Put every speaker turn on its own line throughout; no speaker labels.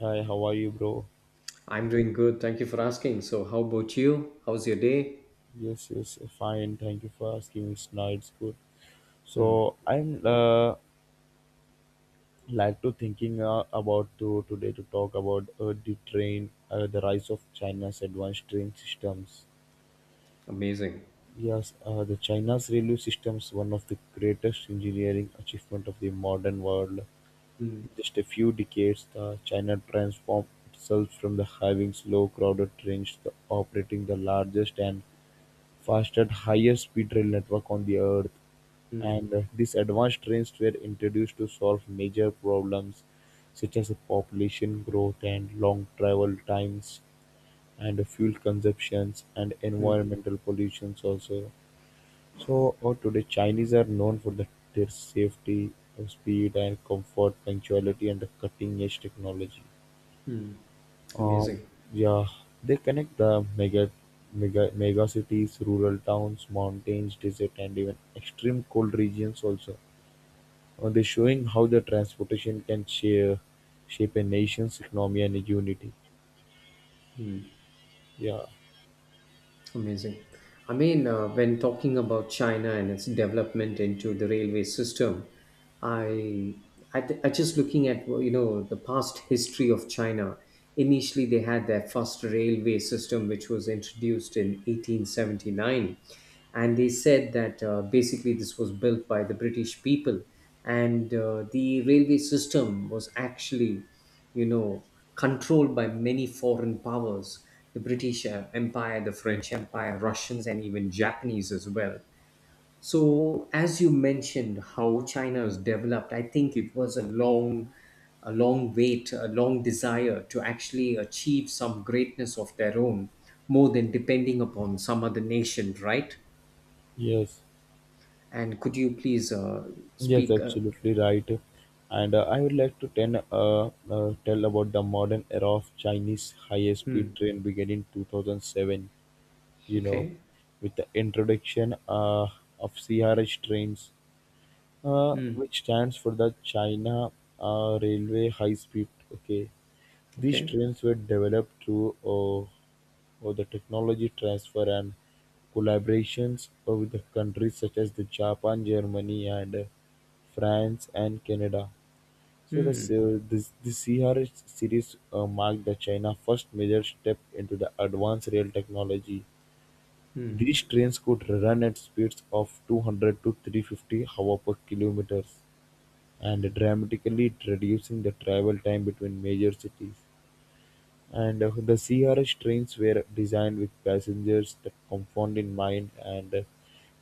Hi, how are you, bro?
I'm doing good. Thank you for asking. So, how about you? How's your day?
Yes, yes, fine. Thank you for asking. It's nice, good. So I'm like to thinking about to today to talk about the the rise of China's advanced train systems.
Amazing.
Yes, the China's railway systems one of the greatest engineering achievement of the modern world. In
Mm,
just a few decades, the China transformed itself from the having slow, crowded trains to operating the largest and fastest highest speed rail network on the earth,
mm,
and these advanced trains were introduced to solve major problems such as population growth and long travel times and fuel consumptions and
mm,
environmental pollutions also. So today chinese are known for their safety, speed and comfort, punctuality and the cutting edge technology.
mm.
um,
Amazing.
yeah, they connect the mega cities, rural towns, mountains, desert, and even extreme cold regions also. They're showing how the transportation can shape a nation's economy and unity.
Hmm.
Yeah.
Amazing. I mean, when talking about China and its development into the railway system, I, I just looking at, well, you know the past history of China. Initially, they had their first railway system, which was introduced in 1879, and they said that basically this was built by the British people, and the railway system was actually you know, controlled by many foreign powers: the British Empire, the French Empire, Russians, and even Japanese as well. So, as you mentioned, how China has developed, I think it was a long wait, a long desire to actually achieve some greatness of their own, more than depending upon some other nation, right?
Yes.
And could you please
Yes,
speak?
absolutely right. And I would like to tell about the modern era of Chinese
Hmm,
high-speed train beginning 2007. You know,
okay.
with the introduction of CRH trains,
Hmm,
which stands for the China Railway High Speed. Okay, these
okay.
trains were developed through the technology transfer and collaborations with the countries such as the Japan, Germany, and France and Canada. So
Hmm,
this the CRS series marked the China first major step into the advanced rail technology. These trains could run at speeds of 200 to 350 hour per kilometers and dramatically reducing the travel time between major cities. And the CRS trains were designed with passengers that comfort in mind, and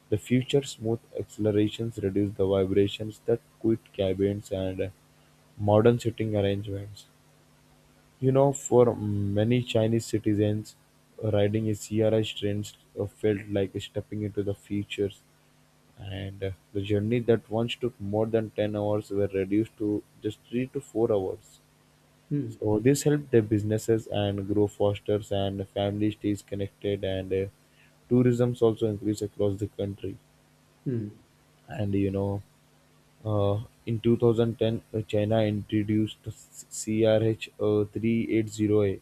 the future smooth accelerations reduce the vibrations that quit cabins and modern sitting arrangements. You know, for many Chinese citizens, riding a CRS train felt like stepping into the futures, and the journey that once took more than 10 hours were reduced to just 3 to 4 hours.
hmm,
So this helped the businesses and grow faster and family stays connected, and tourism's also increased across the country.
hmm,
And uh, in 2010, china introduced the crh, 380a,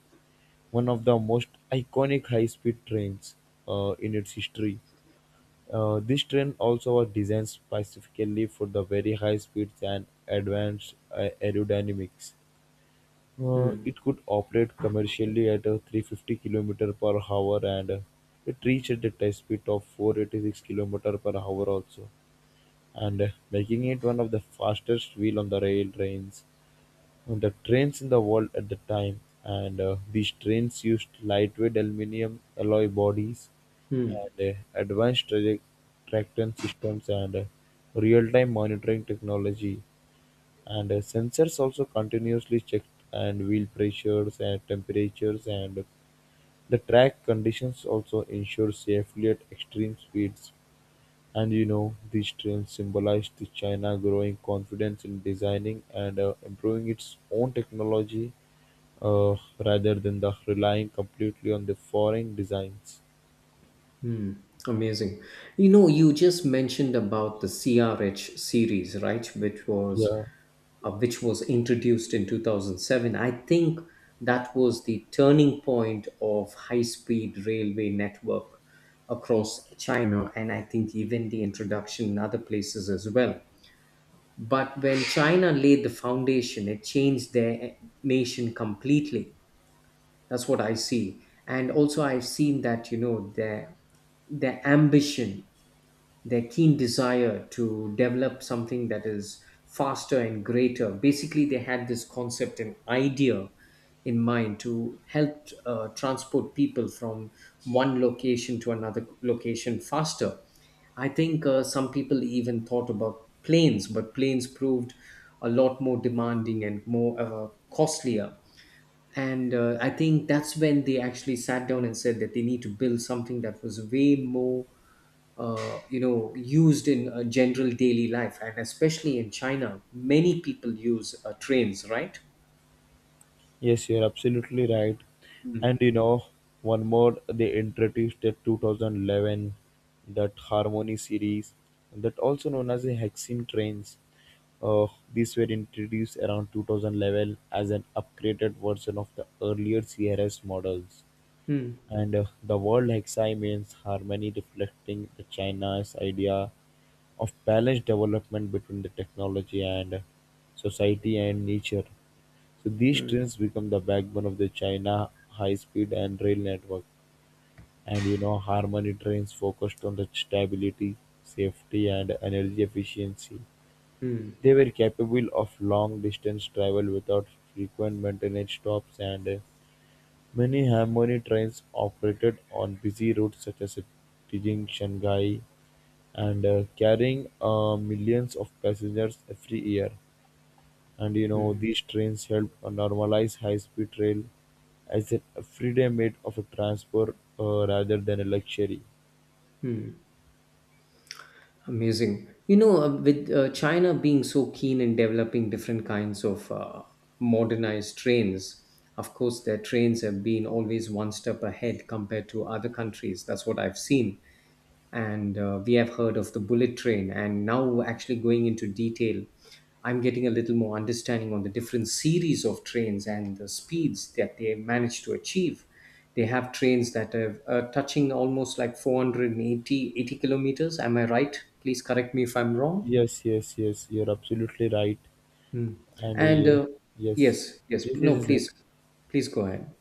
one of the most iconic high-speed trains in its history. This train also was designed specifically for the very high speeds and advanced aerodynamics.
hmm,
It could operate commercially at 350 km per hour, and it reached the test speed of 486 km per hour also, and making it one of the fastest wheel on the rail trains the trains in the world at the time. And these trains used lightweight aluminum alloy bodies
hmm.
and advanced traction systems and real-time monitoring technology. And sensors also continuously checked and wheel pressures and temperatures and the track conditions also ensure safely at extreme speeds. And you know, these trends symbolize the China growing confidence in designing and improving its own technology, uh, rather than the relying completely on the foreign designs.
Hmm, amazing. You know, you just mentioned about the CRH series, right? Which was
Yeah,
uh, which was introduced in 2007. I think that was the turning point of high-speed railway network across China, and I think even the introduction in other places as well. But when China laid the foundation, it changed their nation completely. That's what I see. And also, I've seen that, you know, their ambition, their keen desire to develop something that is faster and greater. Basically, they had this concept and idea in mind to help transport people from one location to another location faster. I think some people even thought about planes, but planes proved a lot more demanding and more costlier, and I think that's when they actually sat down and said that they need to build something that was way more used in general daily life, and especially in China, many people use trains, right?
yes, you're absolutely right.
Mm.
And you know, one more they introduced the 2011 that Harmony series, that also known as the Hexene trains. Uh, these were introduced around 2011 as an upgraded version of the earlier CRS models.
Mm,
And the word Hexi means harmony, reflecting the China's idea of balanced development between the technology and society and nature. So these
mm,
trains become the backbone of the China high speed and rail network. And you know, Harmony trains focused on the stability, safety, and energy efficiency.
mm,
They were capable of long distance travel without frequent maintenance stops, and many Harmony trains operated on busy routes such as Beijing, Shanghai, and carrying millions of passengers every year. And you know,
mm,
these trains helped normalize high speed rail as an everyday mode of a transport, rather than a luxury.
mm. Amazing. You know, with China being so keen in developing different kinds of modernized trains, of course, their trains have been always one step ahead compared to other countries. That's what I've seen. And we have heard of the bullet train, and now, actually going into detail, I'm getting a little more understanding on the different series of trains and the speeds that they managed to achieve. They have trains that are touching almost like 480 kilometers. Am I right? Please correct me if I'm wrong.
Yes, yes, yes, you're absolutely right.
Hmm.
And
And
yes,
yes, yes,
this
no,
is the
please. Please go ahead.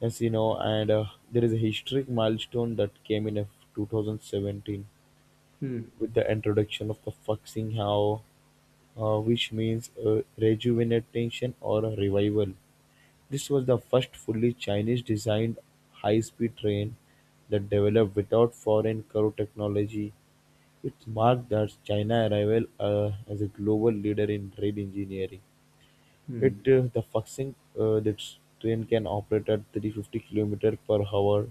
yes, you know, and there is a historic milestone that came in of 2017
Hmm.
with the introduction of the Foxing Hao, which means rejuvenation or revival. This was the first fully Chinese-designed high-speed train that developed without foreign car technology. It marked the China arrival as a global leader in rail engineering. It
Hmm.
The Fuxing, this train can operate at 350 kilometers per hour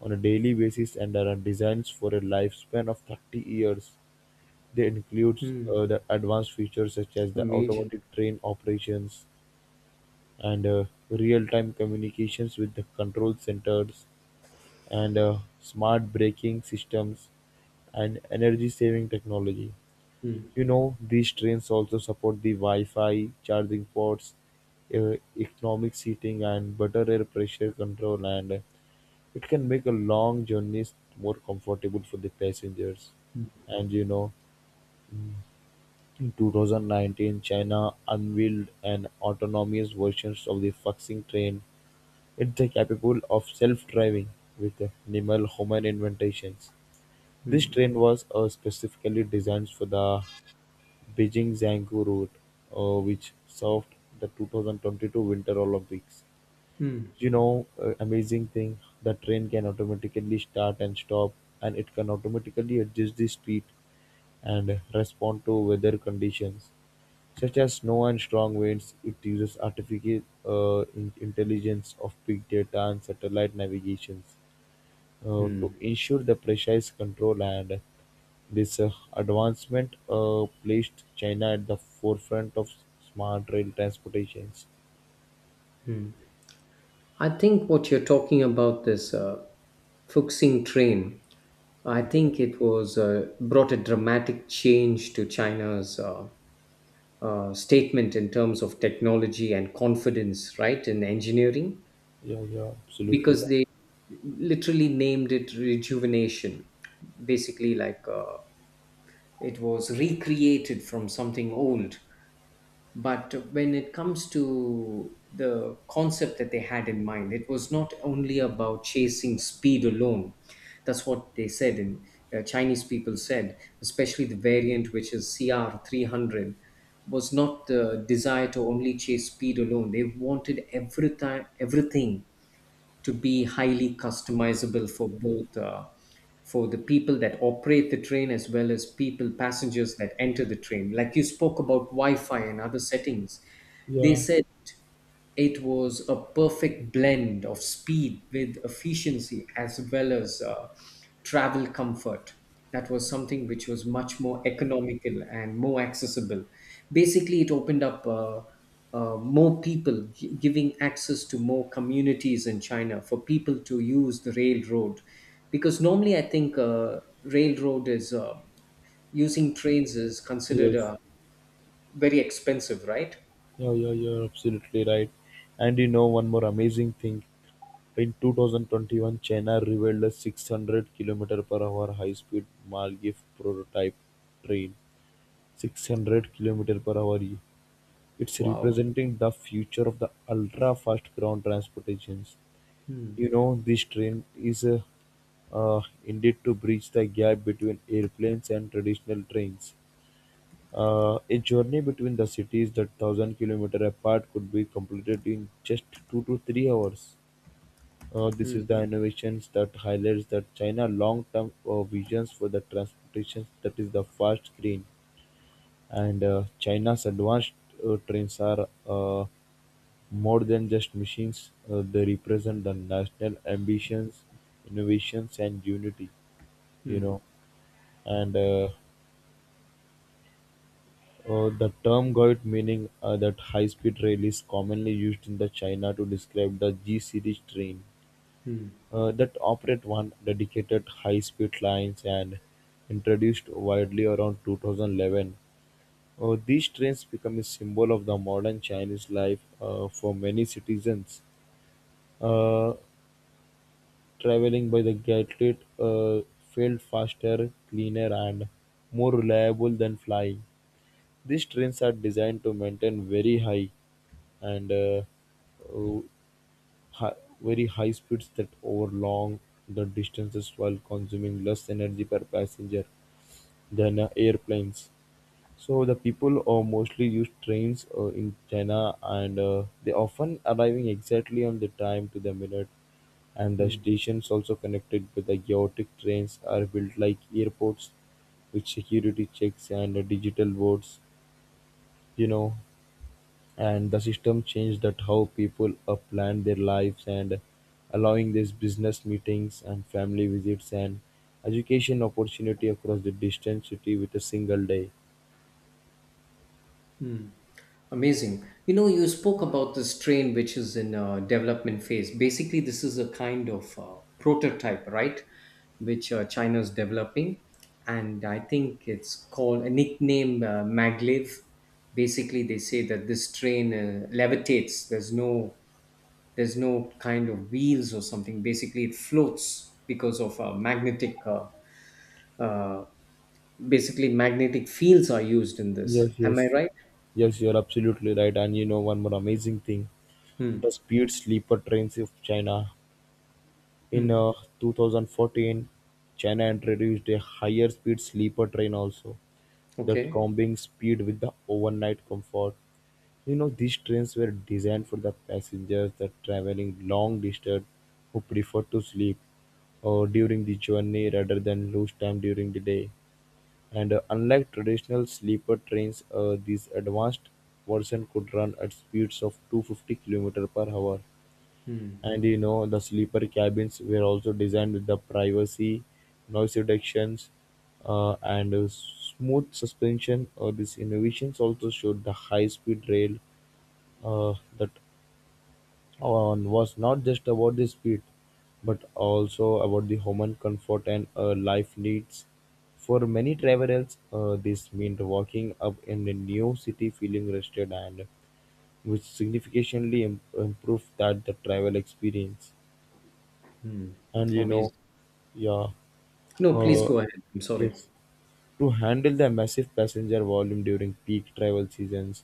on a daily basis and are designed for a lifespan of 30 years. They includes
Hmm.
the advanced features such as the
Amazing.
automatic train operations, and real-time communications with the control centers and smart braking systems and energy-saving technology.
Hmm.
You know, these trains also support the Wi-Fi charging ports, economic seating, and better air pressure control, and it can make a long journeys more comfortable for the passengers.
Hmm.
And you know, in 2019, China unveiled an autonomous version of the Fuxing train. It is capable of self-driving with minimal-human interventions. This
Hmm.
train was specifically designed for the Beijing-Zhangzhou route, which served the 2022 Winter Olympics.
Hmm.
You know, amazing thing, the train can automatically start and stop, and it can automatically adjust the speed and respond to weather conditions. Such as snow and strong winds, it uses artificial intelligence of big data and satellite navigations to ensure the precise control. And this advancement placed China at the forefront of smart rail transportations.
I think what you're talking about, this Fuxing train, I
Yeah,
think it was brought a dramatic change to China's statement in terms of technology and confidence, right, in engineering,
yeah, yeah, absolutely
because
right.
they literally named it rejuvenation, basically like it was recreated from something old. But when it comes to the concept that they had in mind, it was not only about chasing speed alone. That's what they said, and Chinese people said, especially the variant, which is CR300, was not the desire to only chase speed alone. They wanted every time, everything to be highly customizable for both for the people that operate the train as well as people passengers that enter the train, like you spoke about wi-fi and other settings. They
Yeah,
said it was a perfect blend of speed with efficiency as well as travel comfort. That was something which was much more economical and more accessible. Basically, it opened up more people, giving access to more communities in China for people to use the railroad. Because normally, I think railroad is using trains is considered
yes,
very expensive, right?
yeah, yeah, you're absolutely right. And you know, one more amazing thing. In 2021, China revealed a 600 kilometer-per-hour high-speed Maldive prototype train 600 100-kilometer kilometer-per-hour). It's
Wow.
representing the future of the ultra-fast ground transportations.
Hmm.
You know, this train is indeed to bridge the gap between airplanes and traditional trains. A journey between the cities that thousand kilometers apart could be completed in just 2 to 3 hours. This
Hmm.
is the innovations that highlights that China long-term visions for the transportation that is the fast green, and China's advanced trains are more than just machines. They represent the national ambitions, innovations, and unity. You
Hmm.
know, and the term "goit" meaning that high-speed rail is commonly used in the China to describe the G series train
Hmm.
that operate one dedicated high-speed lines and introduced widely around 2011. These trains become a symbol of the modern Chinese life for many citizens. Uh, Traveling by the gatlet felt faster, cleaner, and more reliable than flying. These trains are designed to maintain very high and uh, very high speeds that over long the distances while consuming less energy per passenger than airplanes. So the people mostly use trains in China, and they often arriving exactly on the time to the minute, and the
Hmm.
stations also connected with the chaotic trains are built like airports with security checks and digital boards, you know, and the system changed that how people planned their lives and allowing these business meetings and family visits and education opportunity across the distant city with a single day.
Mm. Amazing. You know, you spoke about this train, which is in a development phase. Basically, this is a kind of prototype, right? Which China is developing. And I think it's called a nickname, maglev. Basically, they say that this train levitates. There's no kind of wheels or something. Basically, it floats because of a magnetic— uh, basically, magnetic fields are used in
Yes,
this. Am I
yes.
right?
Yes, you're absolutely right. And you know, one more amazing thing.
Hmm.
The speed sleeper trains of China. In
Hmm.
2014, China introduced a higher-speed sleeper train also, that
Okay.
combined speed with the overnight comfort. You know, these trains were designed for the passengers that traveling long distance who prefer to sleep during the journey rather than lose time during the day. And unlike traditional sleeper trains, these advanced version could run at speeds of 250 km per hour. And you know, the sleeper cabins were also designed with the privacy, noise reductions, and smooth suspension. These innovations also showed the high-speed rail that was not just about the speed, but also about the human comfort and life needs. For many travelers, this meant walking up in a new city feeling rested and which significantly improved that the travel experience.
Hmm.
And
Amazing.
yeah
No, please
uh,
go ahead. I'm sorry.
yes, to handle the massive passenger volume during peak travel seasons,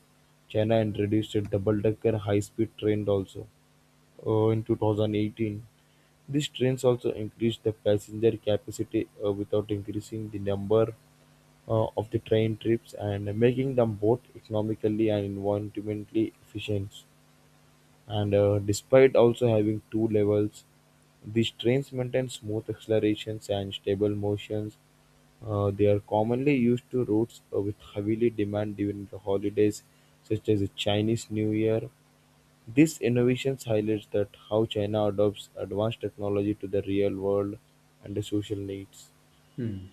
china introduced a double-decker high-speed train also in 2018. These trains also increased the passenger capacity without increasing the number of the train trips and making them both economically and environmentally efficient, and despite also having two levels, these trains maintain smooth accelerations and stable motions. They are commonly used to routes with heavily demand during the holidays, such as the Chinese New Year. These innovations highlights that how China adopts advanced technology to the real world and the social needs.
Hmm.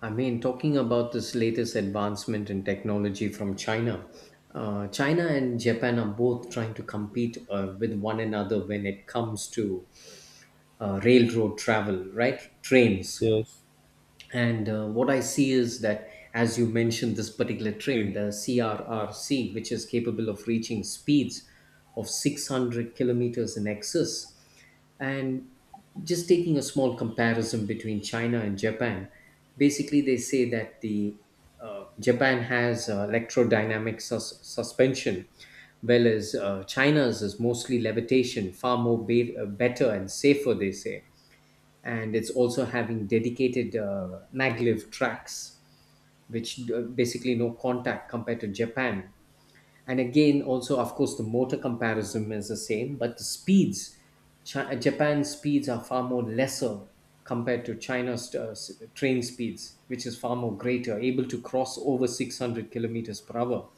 I mean, talking about this latest advancement in technology from China, China and Japan are both trying to compete with one another when it comes to railroad travel, right? Trains.
Yes.
And what I see is that, as you mentioned, this particular train, the CRRC, which is capable of reaching speeds of 600 kilometers in excess. And just taking a small comparison between China and Japan, basically they say that the Japan has electrodynamic suspension, whereas China's is mostly levitation, far more better and safer, they say, and it's also having dedicated maglev tracks, which basically no contact compared to Japan. And again, also of course, the motor comparison is the same, but the speeds— Japan's speeds are far more lesser compared to China's train speeds, which is far more greater, able to cross over 600 kilometers per hour,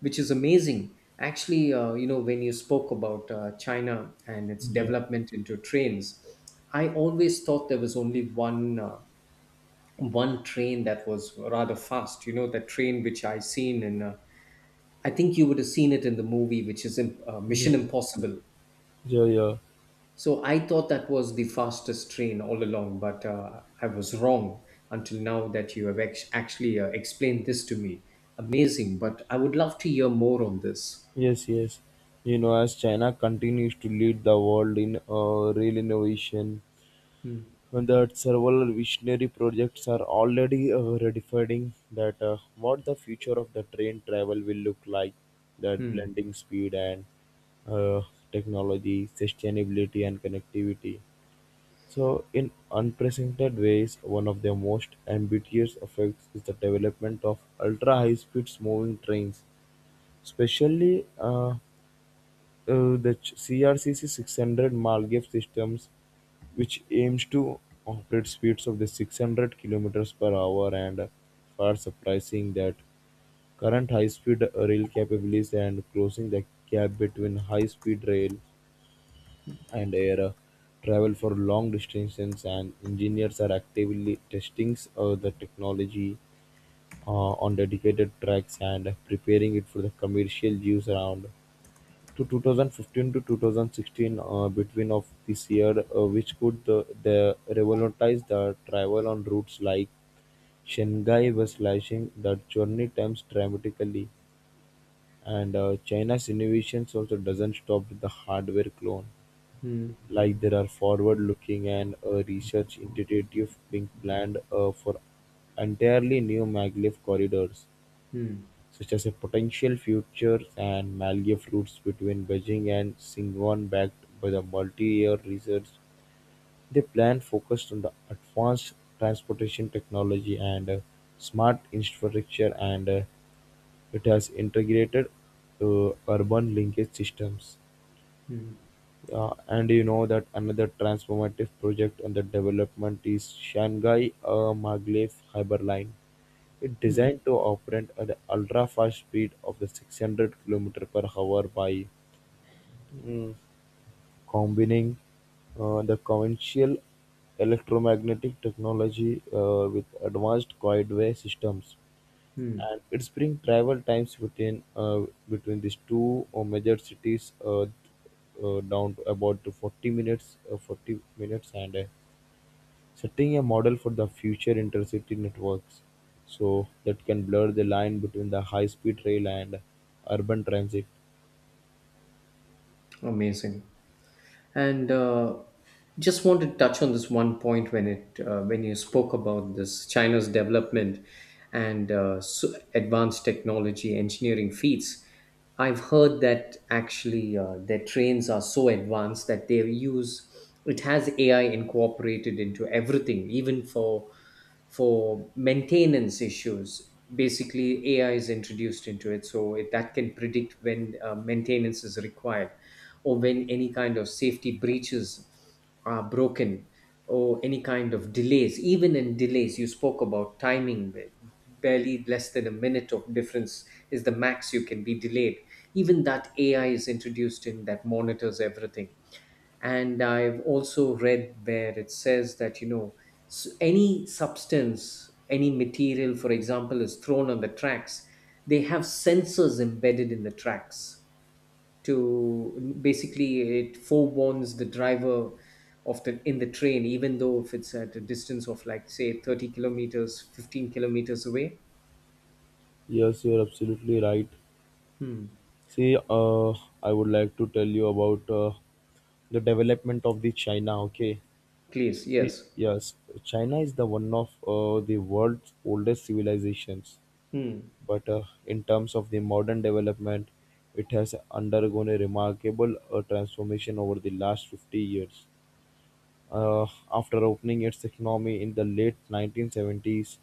which is amazing. Actually, you know, when you spoke about China and its
Yeah,
development into trains, I always thought there was only one train that was rather fast. You know, that train which I seen in. I think you would have seen it in the movie, which is
yeah,
Mission Impossible.
yeah, yeah.
So I thought that was the fastest train all along, but I was wrong until now that you have actually explained this to me. Amazing, but I would love to hear more on this.
Yes, yes. You know, as China continues to lead the world in rail innovation,
Hmm.
that several visionary projects are already redefining that what the future of the train travel will look like, that
Hmm.
blending speed and uh, technology, sustainability and connectivity, so in unprecedented ways. One of the most ambitious effects is the development of ultra high speed moving trains, especially the crcc 600 Malgev systems, which aims to operate speeds of the 600 kilometers per hour and far surprising that current high-speed rail capabilities and closing the gap between high-speed rail and air travel for long distances. And engineers are actively testing the technology on dedicated tracks and preparing it for the commercial use around to 2015 to 2016, between of this year, which could the revolutionize the travel on routes like Shanghai, was slashing the journey times dramatically. And China's innovations also doesn't stop with the hardware clone, like there are forward looking and research initiative being planned for entirely new maglev corridors,
Mm-hmm.
such as a potential future and Malgay-floods between Beijing and Singon, backed by the multi-year research. The plan focused on the advanced transportation technology and smart infrastructure, and it has integrated urban linkage systems. Yeah, and you know that another transformative project under development is Shanghai Maglev Hyperline. It's designed to operate at the ultra-fast speed of the 600 km per hour by mm, combining the conventional electromagnetic technology with advanced guideway systems, and it's bring travel times between between these two major cities down to about to 40 minutes, 40 minutes, and setting a model for the future intercity networks, so that can blur the line between the high speed rail and urban transit.
Amazing. And just want to touch on this one point when you spoke about this China's development and advanced technology engineering feats. I've heard that actually their trains are so advanced that they use— it has AI incorporated into everything, even for maintenance issues. Basically, AI is introduced into it, so that can predict when maintenance is required, or when any kind of safety breaches are broken, or any kind of delays. Even in delays, you spoke about timing, barely less than a minute of difference is the max you can be delayed. Even that, AI is introduced in that monitors everything. And I've also read where it says that, you know, any substance, any material, for example, is thrown on the tracks, they have sensors embedded in the tracks to basically— it forewarns the driver of the in the train, even though if it's at a distance of, like, say, 30 kilometers, 15 kilometers away.
Yes, you're absolutely right.
Hmm.
See, uh, I would like to tell you about the development of the China. Okay,
Please,
see,
yes.
yes, China is the one of the world's oldest civilizations,
Hmm.
but in terms of the modern development, it has undergone a remarkable transformation over the last 50 years. After opening its economy in the late 1970s,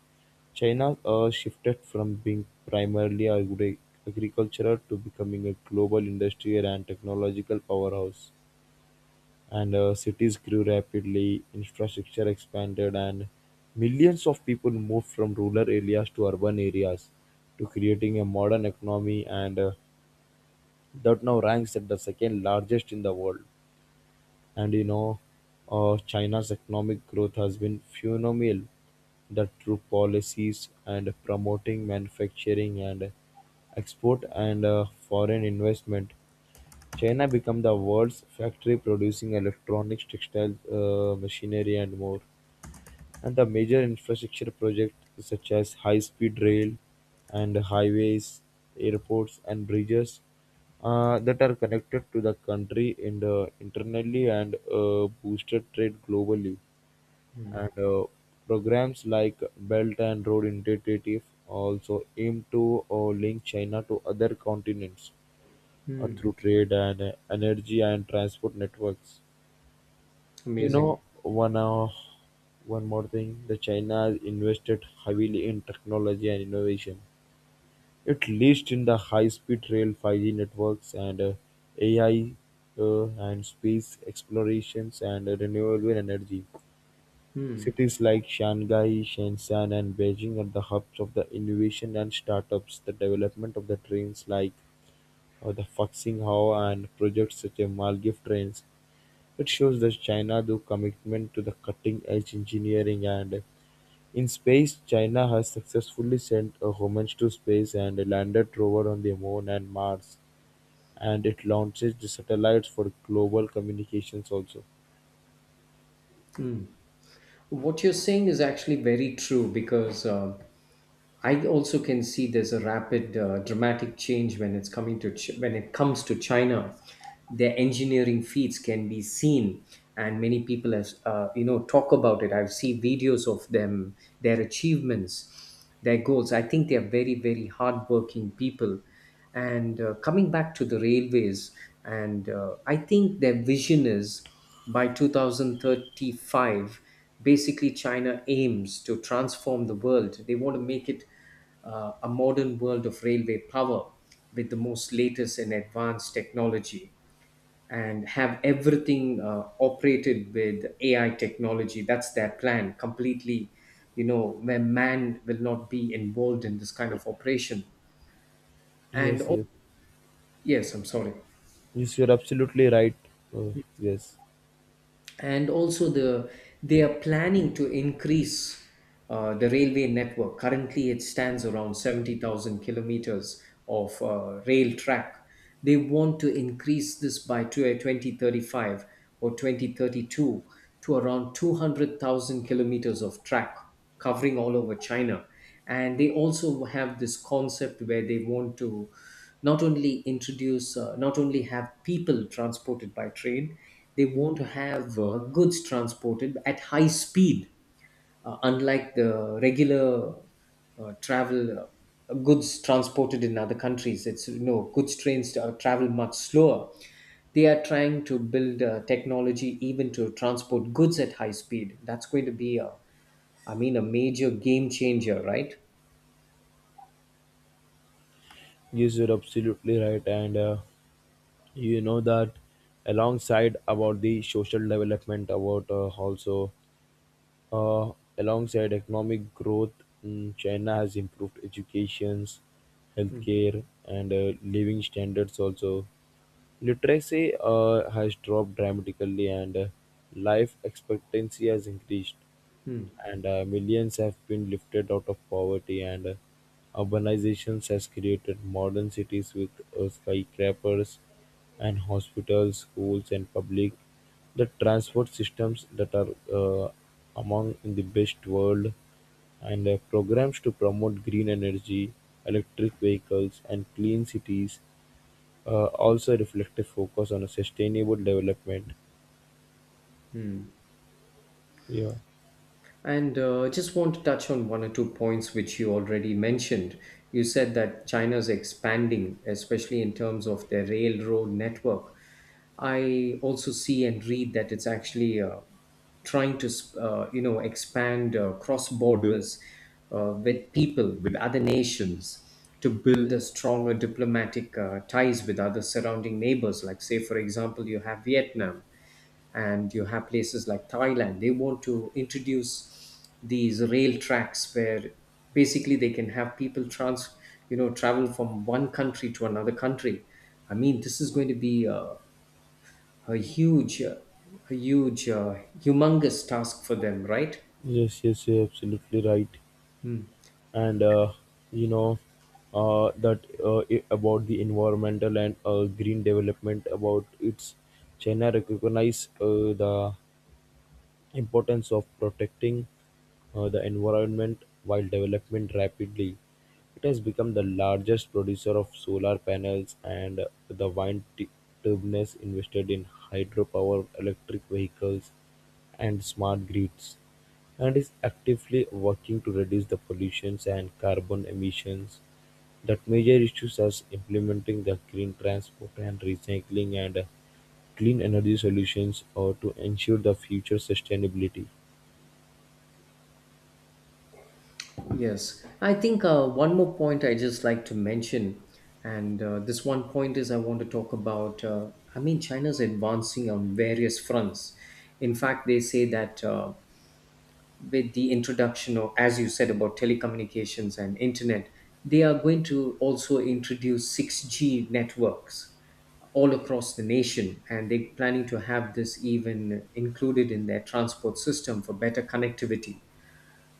China shifted from being agricultural to becoming a global industrial and technological powerhouse. And cities grew rapidly, infrastructure expanded, and millions of people moved from rural areas to urban areas to creating a modern economy, and that now ranks at the second largest in the world. And you know, China's economic growth has been phenomenal. That through policies and promoting manufacturing and export and foreign investment, China become the world's factory, producing electronics, textiles, machinery, and more. And the major infrastructure projects such as high-speed rail and highways, airports and bridges, that are connected to the country in the internally and boosted trade globally. And programs like Belt and Road Initiative also aim to link China to other continents through trade and energy and transport networks. You
Amazing.
know, one more thing, the China has invested heavily in technology and innovation. It leads in the high-speed rail, 5G networks, and AI, and space explorations and renewable energy. Cities like Shanghai, Shenzhen, and Beijing are the hubs of the innovation and startups. The development of the trains like the Fuxing Hao and projects such as Maldive trains, it shows that China do commitment to the cutting-edge engineering. And in space, China has successfully sent a homage to space and a landed rover on the moon and Mars, and it launches the satellites for global communications also.
What you're saying is actually very true, because I also can see there's a rapid, dramatic change when it's coming to Ch- when it comes to China. Their engineering feats can be seen, and many people have talk about it. I've seen videos of them, their achievements, their goals. I think they are very, very hardworking people, and coming back to the railways, and I think their vision is by 2035. Basically, China aims to transform the world. They want to make it a modern world of railway power with the most latest and advanced technology, and have everything operated with AI technology. That's their plan completely. You know, where man will not be involved in this kind of operation, and
Yes,
oh,
yes,
yes, I'm sorry.
yes, you're absolutely right. Uh, yes,
And also, they are planning to increase the railway network. Currently, it stands around 70,000 kilometers of rail track. They want to increase this by 2035, or 2032, to around 200,000 kilometers of track covering all over China. And they also have this concept where they want to not only have people transported by train. They want to have goods transported at high speed, unlike the regular travel. Goods transported in other countries, it's, goods trains travel much slower. They are trying to build technology even to transport goods at high speed. That's going to be, a I mean, a major game changer, right?
yes, you're absolutely right, and you know that alongside about the social development, about also Uh, alongside economic growth, China has improved educations, healthcare, and living standards also. Literacy has dropped dramatically, and life expectancy has increased,
Mm-hmm.
and millions have been lifted out of poverty. And urbanization has created modern cities with skyscrapers and hospitals, schools, and public the transport systems that are uh, among in the best world, and programs to promote green energy, electric vehicles and clean cities, also reflect a reflective focus on a sustainable development. Yeah.
And just want to touch on one or two points which you already mentioned. You said that China's expanding, especially in terms of their railroad network. I also see and read that it's actually trying to, expand cross borders with people with other nations, to build a stronger diplomatic ties with other surrounding neighbors, like, say, for example, you have Vietnam, and you have places like Thailand. They want to introduce these rail tracks where basically they can have people travel from one country to another country. I mean, this is going to be a huge, uh, a humongous task for them, right?
Yes, yes, you're absolutely right.
Mm.
And you know that I- about the environmental and green development about its, China recognize the Importance of protecting the environment while development rapidly. It has become the largest producer of solar panels and the turbines, invested in hydropower, electric vehicles, and smart grids, and is actively working to reduce the pollutions and carbon emissions. That major issues as implementing the green transport and recycling and clean energy solutions or to ensure the future sustainability.
Yes, I think one more point I just like to mention. And this one point is I want to talk about. I mean, China's advancing on various fronts. In fact, they say that with the introduction of, as you said, about telecommunications and internet, they are going to also introduce 6G networks all across the nation. And they're planning to have this even included in their transport system for better connectivity.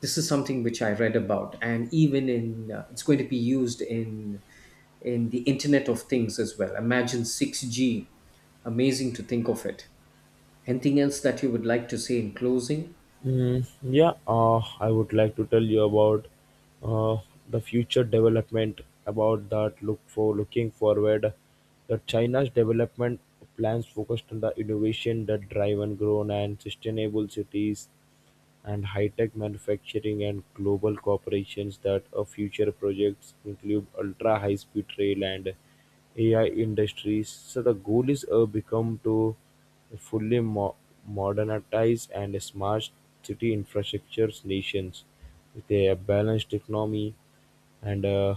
This is something which I read about, and even in it's going to be used in the Internet of Things as well. Imagine 6G, amazing to think of it. Anything else that you would like to say in closing?
Yeah, I would like to tell you about uh, the future development about that looking forward, that China's development plans focused on the innovation that drive and grown and sustainable cities and high-tech manufacturing and global corporations, that are future projects include ultra high-speed rail and AI industries. So the goal is become to fully mo- modernize and smart city infrastructures nations with a balanced economy and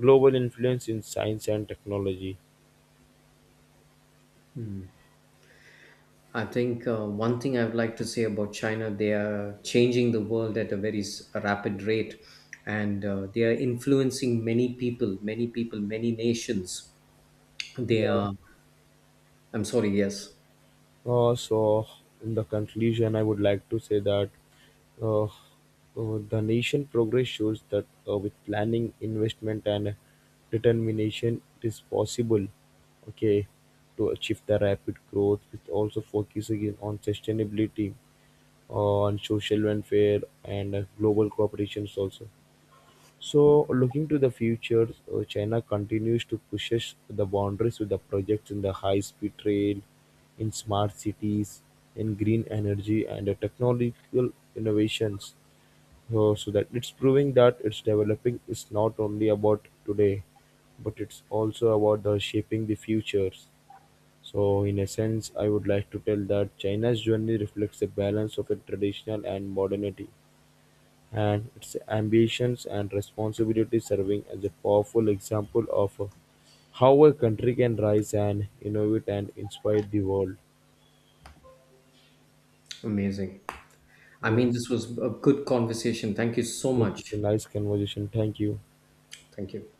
global influence in science and technology.
I think one thing I would like to say about China: they are changing the world at a very rapid rate, and they are influencing many people, many people, many nations. They are— I'm sorry, yes.
So, in the conclusion, I would like to say that uh, uh, the nation progress shows that with planning, investment, and determination, it is possible. Okay, to achieve the rapid growth, with also focusing on sustainability, on social welfare, and global cooperations also. So, looking to the future, China continues to push the boundaries with the projects in the high-speed rail, in smart cities, in green energy, and the technological innovations. So that it's proving that it's developing is not only about today, but it's also about the shaping the futures. So, in a sense, I would like to tell that China's journey reflects a balance of a traditional and modernity and its ambitions and responsibilities, serving as a powerful example of how a country can rise and innovate and inspire the world.
Amazing. I mean,
Yes,
this was a good conversation. Thank you so
yes, this is a
much.
nice conversation. Thank you.
Thank you.